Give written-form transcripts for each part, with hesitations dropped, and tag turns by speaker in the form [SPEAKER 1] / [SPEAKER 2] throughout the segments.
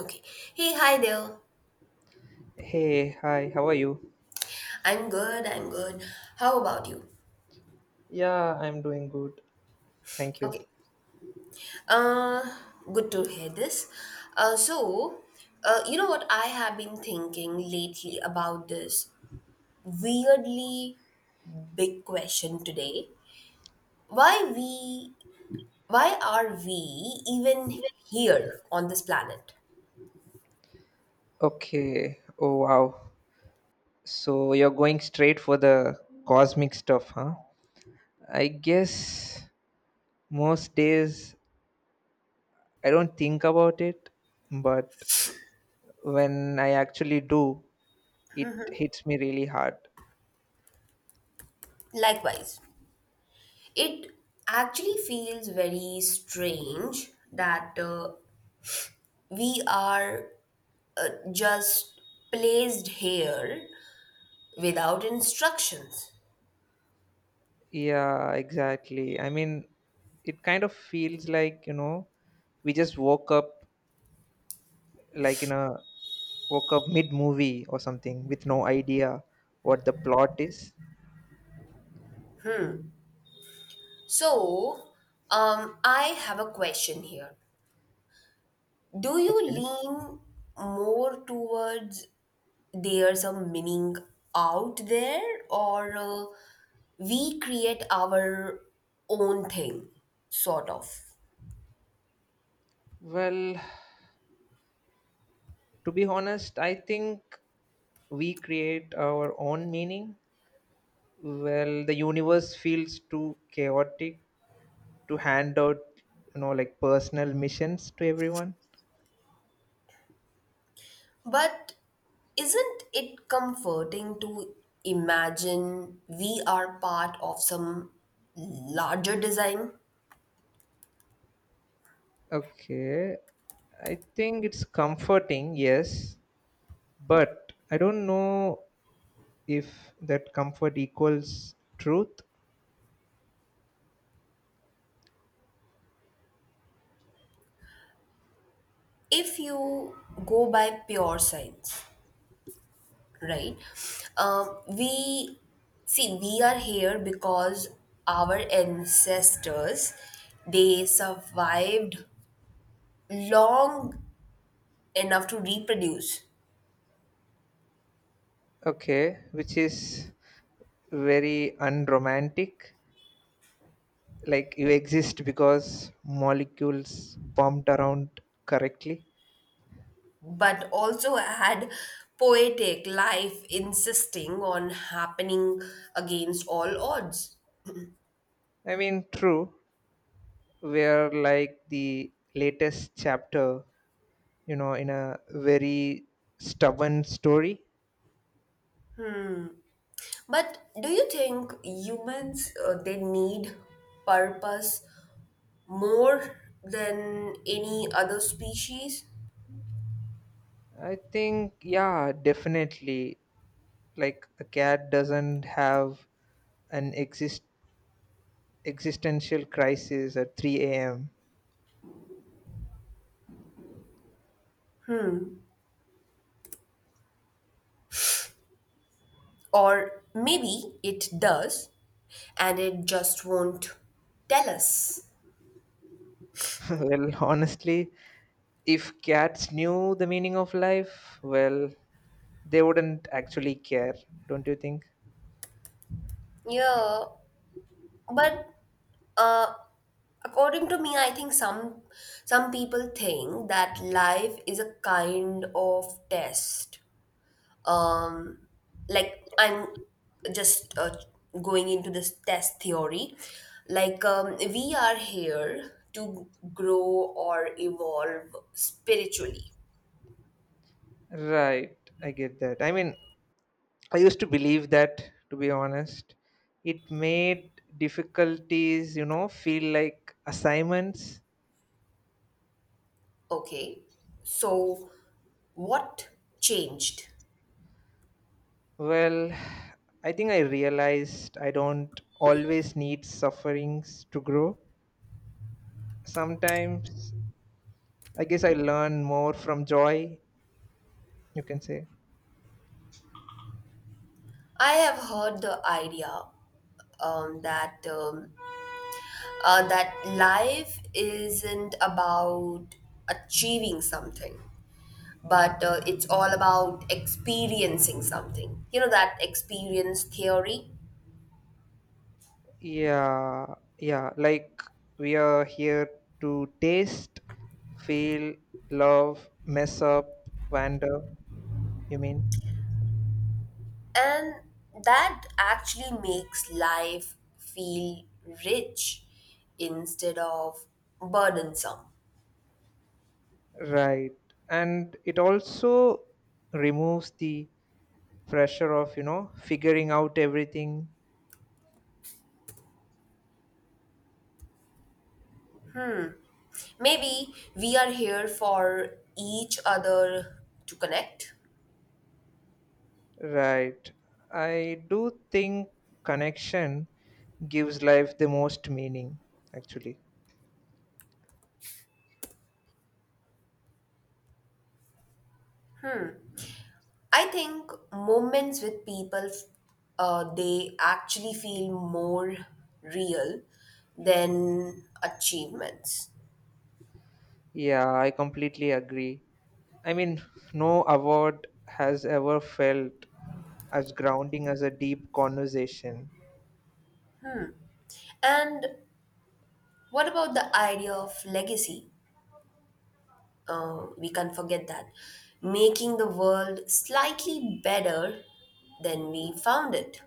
[SPEAKER 1] Okay. Hey, hi there.
[SPEAKER 2] Hey, hi, how are you?
[SPEAKER 1] I'm good. I'm good. How about you?
[SPEAKER 2] Yeah, I'm doing good. Thank you.
[SPEAKER 1] Okay. Uh, Good to hear this. Uh, so, you know what I have been thinking lately about this weirdly big question today. Why we? Why are we even here on this planet?
[SPEAKER 2] Okay, oh wow. So you're going straight for the cosmic stuff, huh? I guess most days I don't think about it, but when I actually do, it hits me really hard.
[SPEAKER 1] Likewise, it actually feels very strange that we are just placed here without instructions.
[SPEAKER 2] Yeah, exactly. I mean, it kind of feels like, we just woke up like in a woke up mid movie or something with no idea what the plot is.
[SPEAKER 1] So, I have a question here. Do you
[SPEAKER 2] Okay.
[SPEAKER 1] lean more towards there's a meaning out there, or we create our own thing, sort of?
[SPEAKER 2] Well, to be honest, I think we create our own meaning. Well, the universe feels too chaotic to hand out, like personal missions to everyone.
[SPEAKER 1] But isn't it comforting to imagine we are part of some larger design?
[SPEAKER 2] Okay. I think it's comforting, yes, but I don't know if that comfort equals truth.
[SPEAKER 1] If you go by pure science, right? We see we are here because our ancestors they survived long enough to reproduce,
[SPEAKER 2] Okay, which is very unromantic, like you exist because molecules bumped around correctly.
[SPEAKER 1] but also had poetic life insisting on happening against all odds.
[SPEAKER 2] I mean true, we're like the latest chapter, in a very stubborn story.
[SPEAKER 1] But do you think humans they need purpose more than any other species?
[SPEAKER 2] I think yeah, definitely. Like a cat doesn't have an existential crisis at 3 a.m.
[SPEAKER 1] Or maybe it does and it just won't tell us.
[SPEAKER 2] Well honestly, if cats knew the meaning of life, well, they wouldn't actually care, don't you think?
[SPEAKER 1] Yeah, but uh, according to me, I think some people think that life is a kind of test, um, like I'm just going into this test theory. Like we are here to grow or evolve spiritually.
[SPEAKER 2] Right, I get that. I mean, I used to believe that, to be honest. It made difficulties, feel like assignments.
[SPEAKER 1] Okay, so what changed?
[SPEAKER 2] Well, I think I realized I don't always need sufferings to grow. Sometimes, I guess I learn more from joy, you can say.
[SPEAKER 1] I have heard the idea um, that um, that life isn't about achieving something but it's all about experiencing something. You know, that experience theory.
[SPEAKER 2] Yeah, yeah, like we are here to taste, feel, love, mess up, wander, you mean?
[SPEAKER 1] And that actually makes life feel rich instead of burdensome.
[SPEAKER 2] Right. And it also removes the pressure of, figuring out everything.
[SPEAKER 1] Maybe we are here for each other to connect.
[SPEAKER 2] Right. I do think connection gives life the most meaning, actually.
[SPEAKER 1] I think moments with people, they actually feel more real than achievements.
[SPEAKER 2] Yeah, I completely agree. I mean, no award has ever felt as grounding as a deep conversation.
[SPEAKER 1] And what about the idea of legacy? We can't forget that. Making the world slightly better than we found it.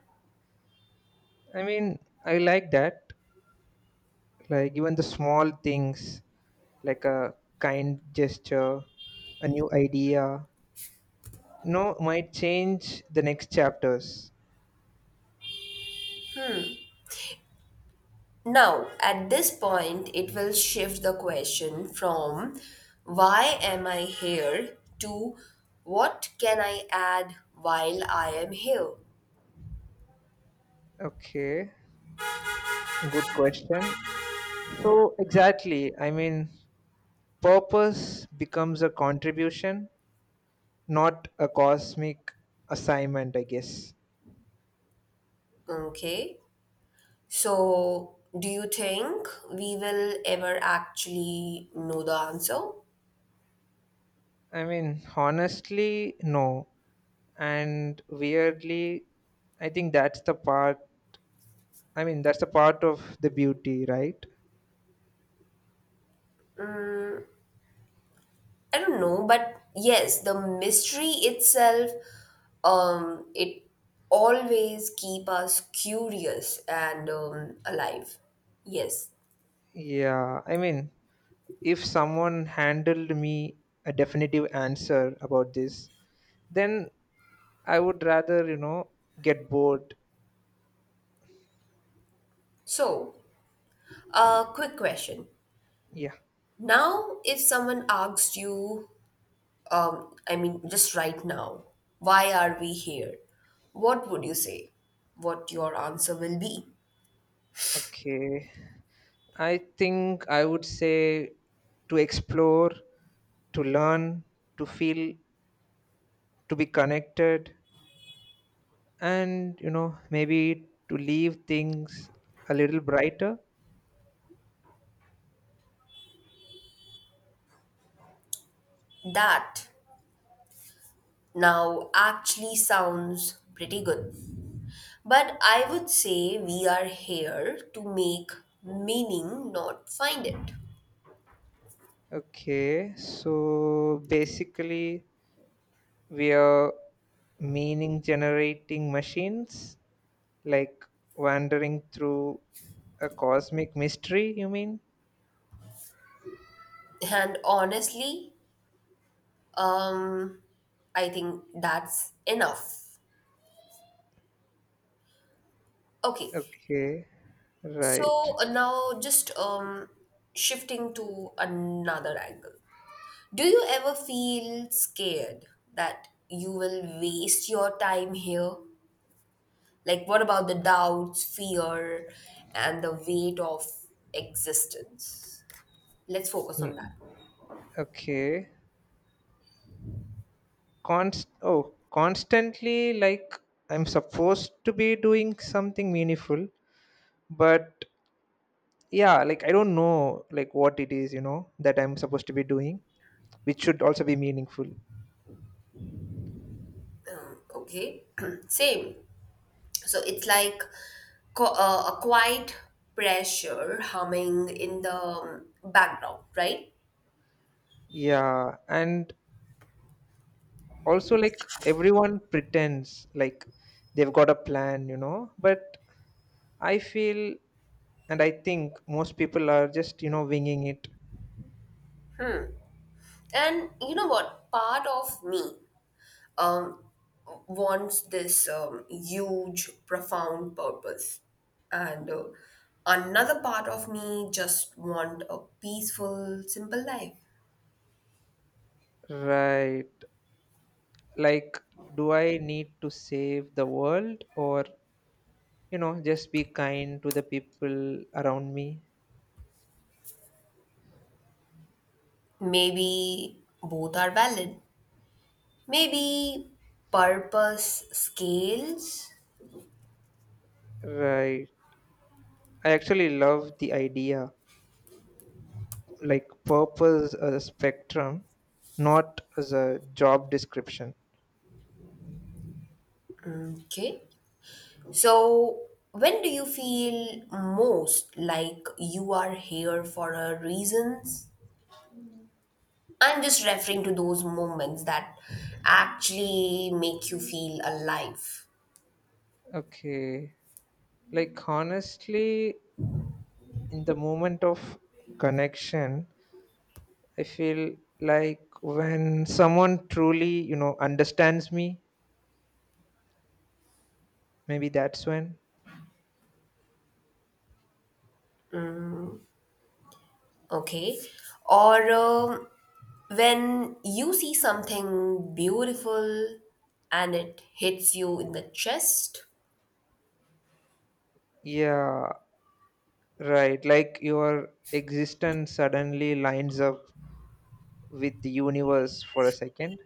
[SPEAKER 2] I mean, I like that. Like even the small things, like a kind gesture, a new idea, no, might change the next chapters.
[SPEAKER 1] Now, at this point, it will shift the question from why am I here to what can I add while I am here?
[SPEAKER 2] Okay, good question. So exactly, I mean, purpose becomes a contribution, not a cosmic assignment, I guess.
[SPEAKER 1] Okay. So, do you think we will ever actually know the answer?
[SPEAKER 2] I mean, honestly, no. And weirdly, I think that's the part of the beauty, right?
[SPEAKER 1] I don't know, but yes, the mystery itself, it always keep us curious and alive. Yes.
[SPEAKER 2] Yeah, I mean, if someone handled me a definitive answer about this, then I would rather, get bored.
[SPEAKER 1] So, quick question.
[SPEAKER 2] Yeah.
[SPEAKER 1] Now, if someone asks you, I mean, just right now, why are we here? What would you say? What your answer will be?
[SPEAKER 2] Okay, I think I would say to explore, to learn, to feel, to be connected, and maybe to leave things a little brighter.
[SPEAKER 1] That now actually sounds pretty good. But I would say we are here to make meaning, not find it.
[SPEAKER 2] Okay, so basically we are meaning generating machines, like wandering through a cosmic mystery, you mean?
[SPEAKER 1] And honestly, um, I think that's enough. Okay,
[SPEAKER 2] Okay, right.
[SPEAKER 1] so now just shifting to another angle. Do you ever feel scared that you will waste your time here? Like, what about the doubts, fear, and the weight of existence? Let's focus on
[SPEAKER 2] Ye-
[SPEAKER 1] that.
[SPEAKER 2] Okay. Constantly, like I'm supposed to be doing something meaningful, but yeah, like I don't know like what it is, that I'm supposed to be doing, which should also be meaningful.
[SPEAKER 1] Okay, same. So it's like a quiet pressure humming in the background, right?
[SPEAKER 2] Yeah, and also like everyone pretends like they've got a plan, but I feel, and I think most people are just, winging it.
[SPEAKER 1] And you know what? Part of me um, wants this huge, profound purpose, and another part of me just want a peaceful, simple life.
[SPEAKER 2] Right, like do I need to save the world, or just be kind to the people around me?
[SPEAKER 1] Maybe both are valid. Maybe purpose scales.
[SPEAKER 2] Right, I actually love the idea, like purpose as a spectrum, not as a job description.
[SPEAKER 1] Okay. So, when do you feel most like you are here for a reasons? I'm just referring to those moments that actually make you feel alive.
[SPEAKER 2] Okay, like honestly, in the moment of connection, I feel like when someone truly, understands me, maybe that's when.
[SPEAKER 1] Okay. Or when you see something beautiful and it hits you in the chest.
[SPEAKER 2] Yeah, right, like your existence suddenly lines up with the universe for a second.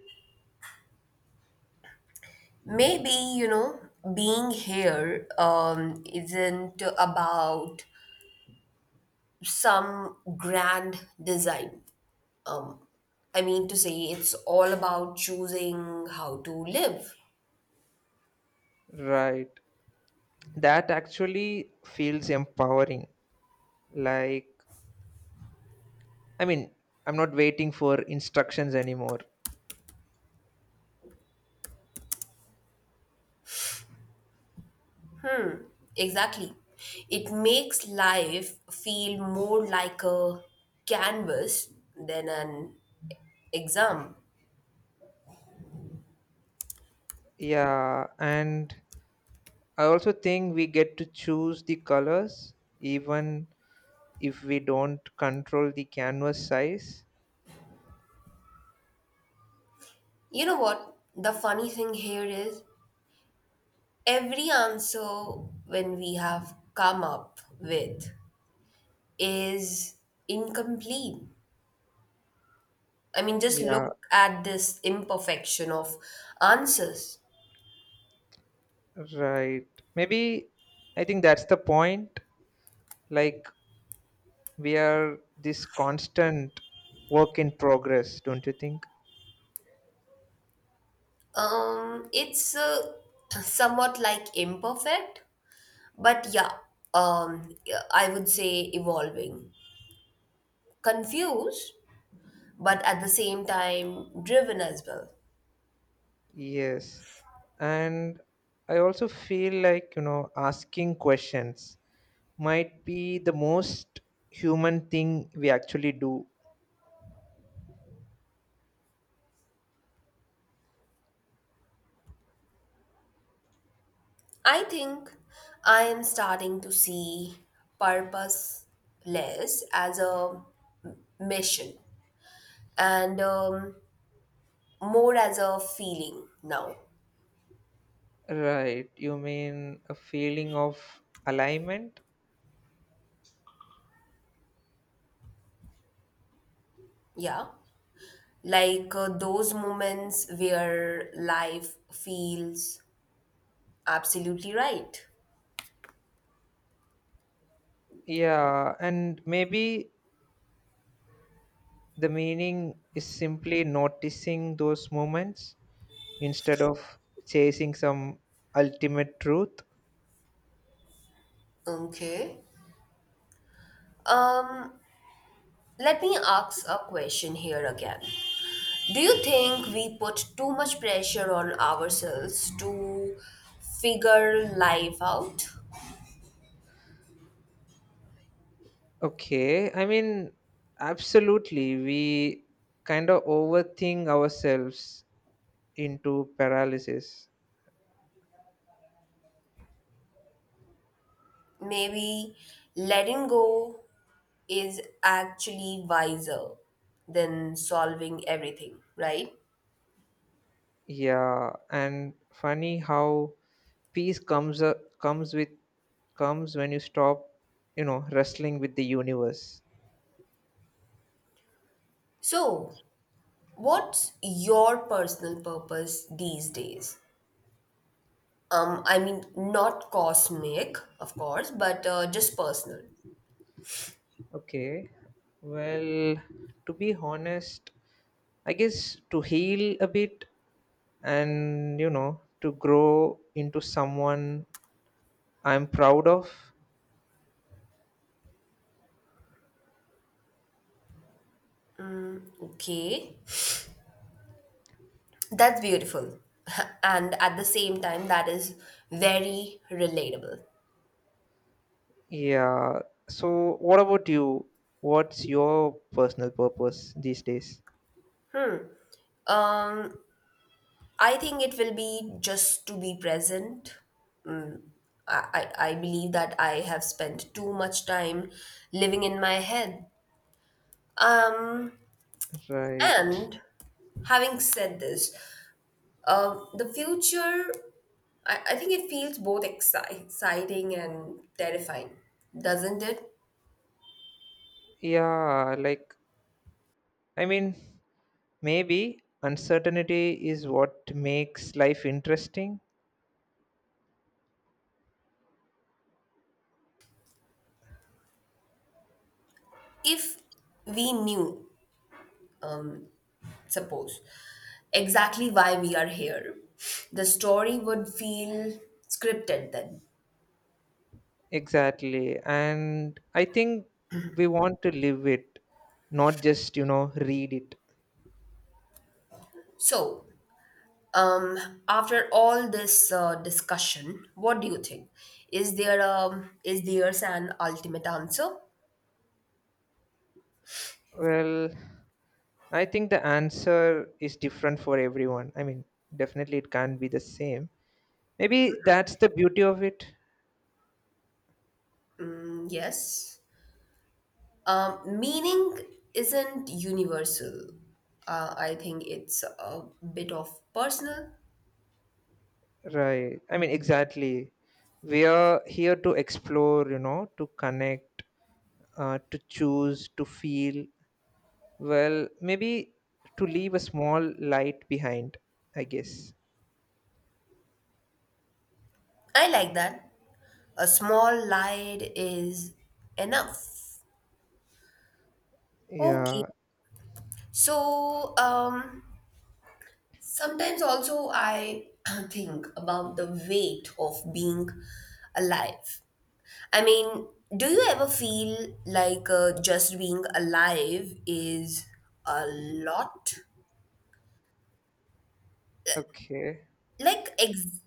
[SPEAKER 1] Maybe, you know, being here isn't about some grand design. Um, I mean to say, it's all about choosing how to live.
[SPEAKER 2] Right, that actually feels empowering, like, I mean, I'm not waiting for instructions anymore.
[SPEAKER 1] Exactly. It makes life feel more like a canvas than an exam.
[SPEAKER 2] Yeah, and I also think we get to choose the colors, even if we don't control the canvas size.
[SPEAKER 1] You know what? The funny thing here is every answer when we have come up with is incomplete. I mean, just
[SPEAKER 2] Yeah,
[SPEAKER 1] look at this imperfection of answers.
[SPEAKER 2] right. Maybe, I think that's the point, like we are this constant work in progress, don't you think?
[SPEAKER 1] It's somewhat like imperfect, but yeah, yeah, I would say evolving. Confused, but at the same time driven as well.
[SPEAKER 2] Yes, and I also feel like, asking questions might be the most human thing we actually do.
[SPEAKER 1] I think I am starting to see purposeless as a mission and more as a feeling now.
[SPEAKER 2] Right, you mean a feeling of alignment?
[SPEAKER 1] Yeah. Like those moments where life feels absolutely right.
[SPEAKER 2] Yeah, and maybe the meaning is simply noticing those moments instead of chasing some ultimate truth.
[SPEAKER 1] Okay. Um, Let me ask a question here again. Do you think we put too much pressure on ourselves to figure life out?
[SPEAKER 2] Okay, I mean, absolutely. We kind of overthink ourselves into paralysis.
[SPEAKER 1] Maybe letting go is actually wiser than solving everything, right?
[SPEAKER 2] Yeah, and funny how peace comes up, comes with comes when you stop, wrestling with the universe.
[SPEAKER 1] So, what's your personal purpose these days? I mean, not cosmic, of course, but just personal.
[SPEAKER 2] Okay, well, to be honest, I guess to heal a bit and to grow into someone I'm proud of.
[SPEAKER 1] Okay. That's beautiful. And at the same time, that is very relatable.
[SPEAKER 2] Yeah. So what about you? What's your personal purpose these days?
[SPEAKER 1] Um, I think it will be just to be present. I believe that I have spent too much time living in my head. Um,
[SPEAKER 2] Right.
[SPEAKER 1] and having said this, the future, I think it feels both exciting and terrifying, doesn't it?
[SPEAKER 2] Yeah, like, I mean, maybe uncertainty is what makes life interesting.
[SPEAKER 1] If we knew, um, suppose, exactly why we are here. The story would feel scripted then.
[SPEAKER 2] Exactly. And I think we want to live it, not just, read it.
[SPEAKER 1] So, after all this discussion, what do you think? Is there is there's an ultimate answer?
[SPEAKER 2] Well, I think the answer is different for everyone. I mean, definitely it can't be the same. Maybe that's the beauty of it.
[SPEAKER 1] Mm, yes. Meaning isn't universal. I think it's a bit of personal.
[SPEAKER 2] Right. I mean, exactly. We are here to explore, to connect, to choose, to feel. Well, maybe to leave a small light behind, I guess.
[SPEAKER 1] I like that. A small light is enough. Okay.
[SPEAKER 2] Yeah.
[SPEAKER 1] So, Sometimes also I think about the weight of being alive. I mean, do you ever feel like just being alive is a lot?
[SPEAKER 2] Okay.
[SPEAKER 1] Like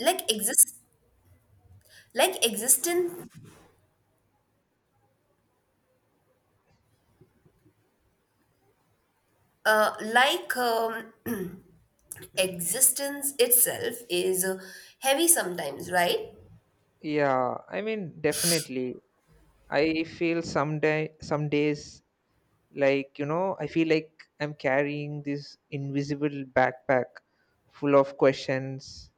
[SPEAKER 1] like exist existence uh, like um, existence itself is heavy sometimes, right?
[SPEAKER 2] Yeah. I mean, definitely. I feel some days like I feel like I'm carrying this invisible backpack full of questions.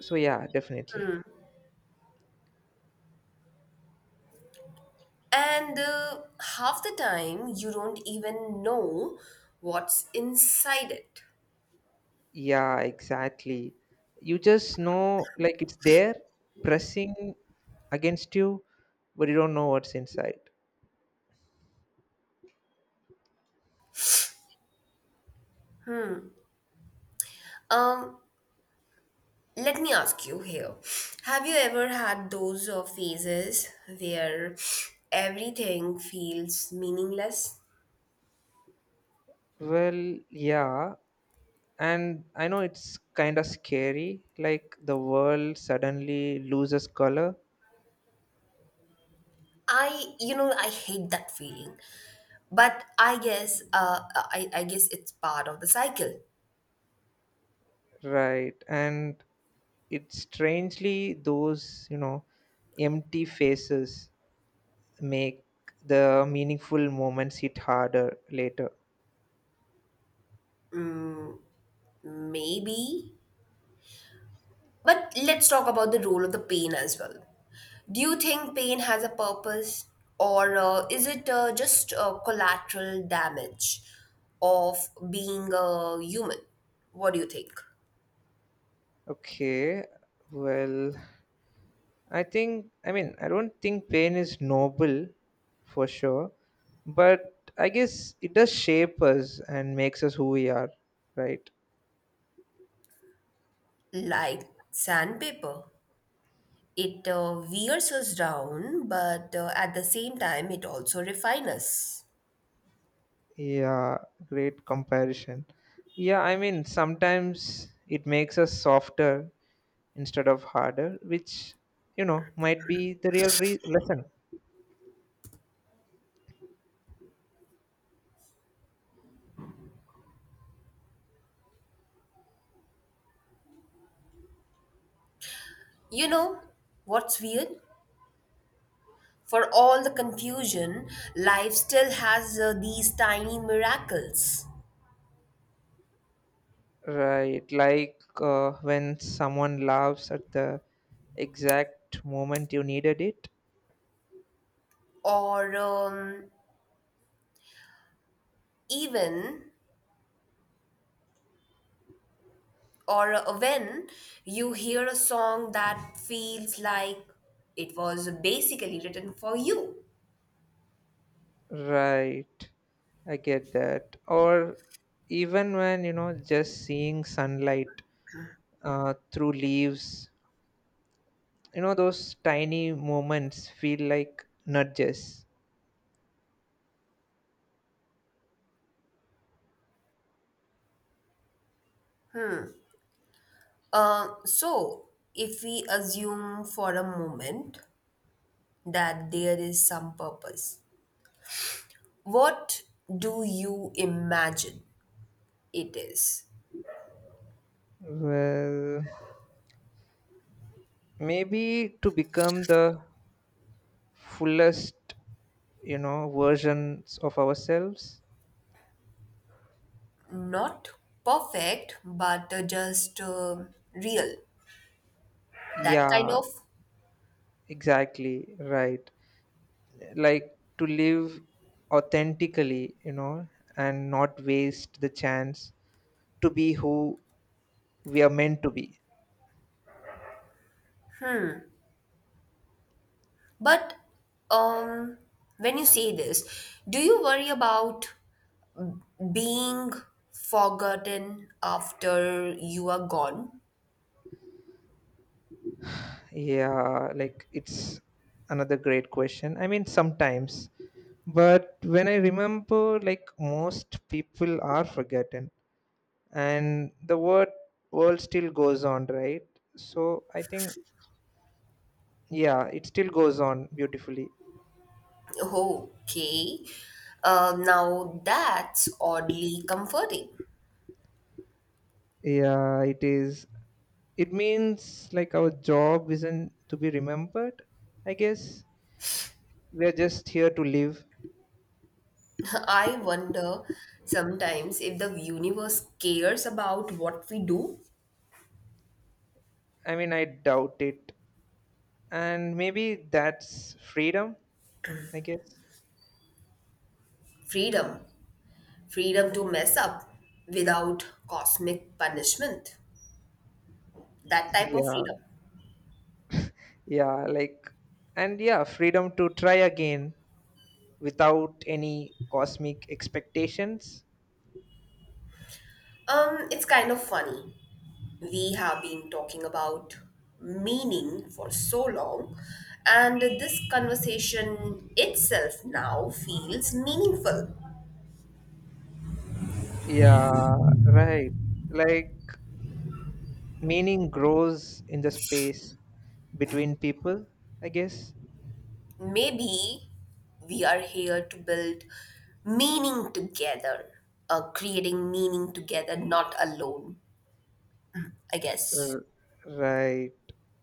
[SPEAKER 2] So yeah, definitely.
[SPEAKER 1] And half the time you don't even know what's inside it.
[SPEAKER 2] Yeah, exactly. You just know like it's there, pressing against you, but you don't know what's inside.
[SPEAKER 1] Um Let me ask you here. Have you ever had those phases where everything feels meaningless?
[SPEAKER 2] Well yeah, and I know it's kind of scary, like the world suddenly loses color.
[SPEAKER 1] I hate that feeling, but I guess, I guess it's part of the cycle.
[SPEAKER 2] Right, and it's strangely those, empty faces make the meaningful moments hit harder later.
[SPEAKER 1] Mm, maybe. But let's talk about the role of the pain as well. Do you think pain has a purpose, or is it just collateral damage of being a human? What do you think?
[SPEAKER 2] Okay, well, I think, I mean, I don't think pain is noble, for sure, but I guess it does shape us and makes us who we are, right?
[SPEAKER 1] Like sandpaper, it wears us down, but at the same time, it also refines us.
[SPEAKER 2] Yeah, great comparison. Yeah, I mean, sometimes it makes us softer instead of harder, which, might be the real lesson.
[SPEAKER 1] You know what's weird? For all the confusion, life still has these tiny miracles.
[SPEAKER 2] Right, like when someone laughs at the exact moment you needed it.
[SPEAKER 1] Or um, even, or when you hear a song that feels like it was basically written for you.
[SPEAKER 2] Right, I get that, or even when, just seeing sunlight through leaves, those tiny moments feel like nudges.
[SPEAKER 1] So, if we assume for a moment that there is some purpose. What do you imagine it is?
[SPEAKER 2] Well, maybe to become the fullest, versions of ourselves.
[SPEAKER 1] Not perfect, but just real, that kind
[SPEAKER 2] Yeah,
[SPEAKER 1] of.
[SPEAKER 2] exactly, right, like to live authentically, and not waste the chance to be who we are meant to be.
[SPEAKER 1] But um, when you say this, do you worry about being forgotten after you are gone?
[SPEAKER 2] Yeah, like it's another great question. I mean, sometimes, but when I remember like most people are forgotten and the word world still goes on, right? So I think yeah, it still goes on beautifully.
[SPEAKER 1] Okay, now that's oddly comforting.
[SPEAKER 2] Yeah, it is. It means like our job isn't to be remembered. I guess we are just here to live.
[SPEAKER 1] I wonder sometimes if the universe cares about what we do.
[SPEAKER 2] I mean, I doubt it. And maybe that's freedom, I guess.
[SPEAKER 1] Freedom. Freedom to mess up without cosmic punishment. That type of
[SPEAKER 2] Yeah,
[SPEAKER 1] freedom.
[SPEAKER 2] yeah, like, and yeah, freedom to try again without any cosmic expectations.
[SPEAKER 1] It's kind of funny. We have been talking about meaning for so long, and this conversation itself now feels meaningful.
[SPEAKER 2] Yeah, right. Like, meaning grows in the space between people, I guess.
[SPEAKER 1] Maybe we are here to build meaning together, creating meaning together, not alone, I guess.
[SPEAKER 2] R- Right.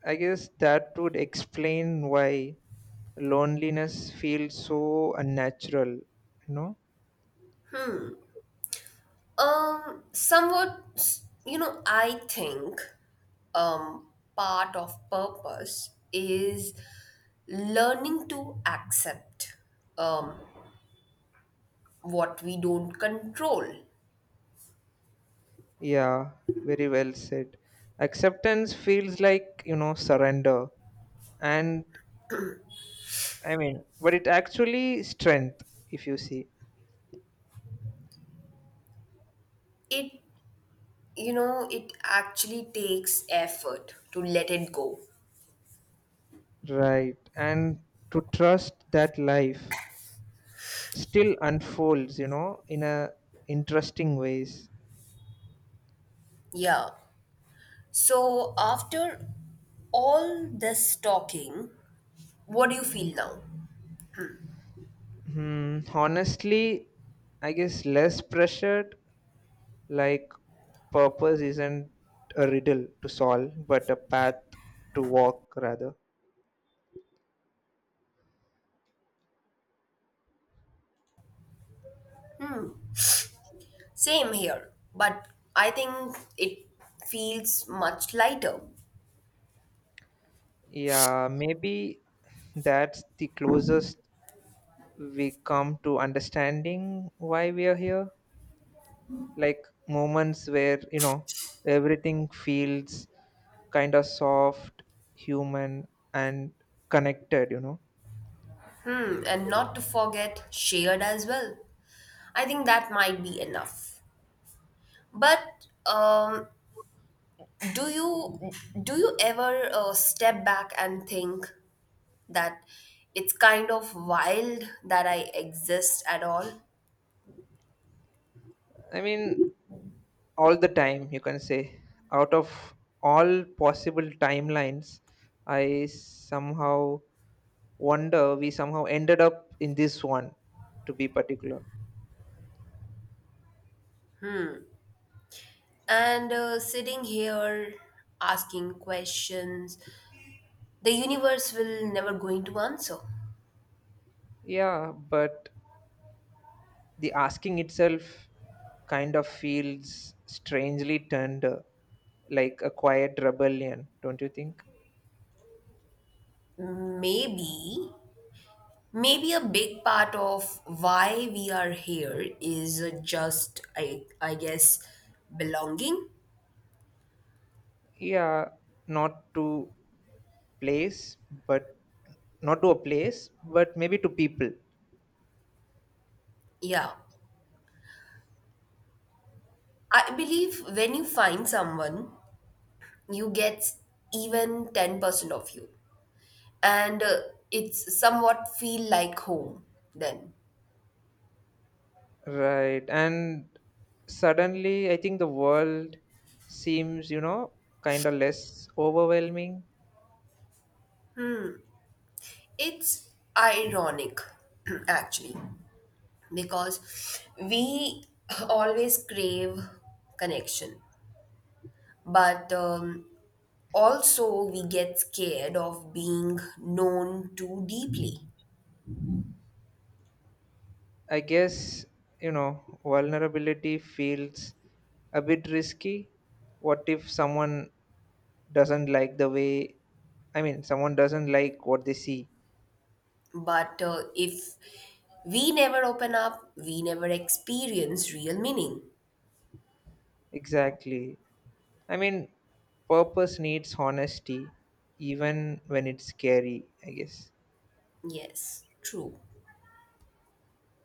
[SPEAKER 2] I guess that would explain why loneliness feels so unnatural. You know?
[SPEAKER 1] Somewhat, you know, I think um, part of purpose is learning to accept um, what we don't control.
[SPEAKER 2] Yeah, very well said. Acceptance feels like, surrender. And I mean, but it actually strength, if you see.
[SPEAKER 1] It, you know, it actually takes effort to let it go.
[SPEAKER 2] Right. And to trust that life still unfolds, in a interesting ways.
[SPEAKER 1] Yeah. So, after all this talking, what do you feel now?
[SPEAKER 2] Hmm, honestly, I guess less pressured. Like, purpose isn't a riddle to solve, but a path to walk, rather.
[SPEAKER 1] Same here, but I think it feels much lighter.
[SPEAKER 2] Yeah, maybe that's the closest we come to understanding why we are here. Like, moments where, everything feels kind of soft, human, and connected, you know.
[SPEAKER 1] Hmm, and not to forget shared as well. I think that might be enough. But um, do you do you ever step back and think that it's kind of wild that I exist at all?
[SPEAKER 2] I mean, all the time, you can say. Out of all possible timelines, I somehow wonder we somehow ended up in this one, to be particular.
[SPEAKER 1] And sitting here asking questions the universe will never going to answer.
[SPEAKER 2] Yeah, but the asking itself kind of feels strangely tender, like a quiet rebellion, don't you think?
[SPEAKER 1] Maybe, maybe a big part of why we are here is just I guess, belonging.
[SPEAKER 2] Yeah, not to place but not to a place, but maybe to people.
[SPEAKER 1] Yeah. I believe when you find someone, you get even 10% of you. And it's somewhat feel like home then.
[SPEAKER 2] Right, and suddenly I think the world seems, kind of less overwhelming.
[SPEAKER 1] It's ironic, actually because we always crave connection but also we get scared of being known too deeply
[SPEAKER 2] I guess, vulnerability feels a bit risky. What if someone doesn't like the way, I mean, someone doesn't like what they see?
[SPEAKER 1] but if we never open up we never experience real meaning.
[SPEAKER 2] Exactly. I mean, purpose needs honesty, even when it's scary, I guess.
[SPEAKER 1] Yes, true.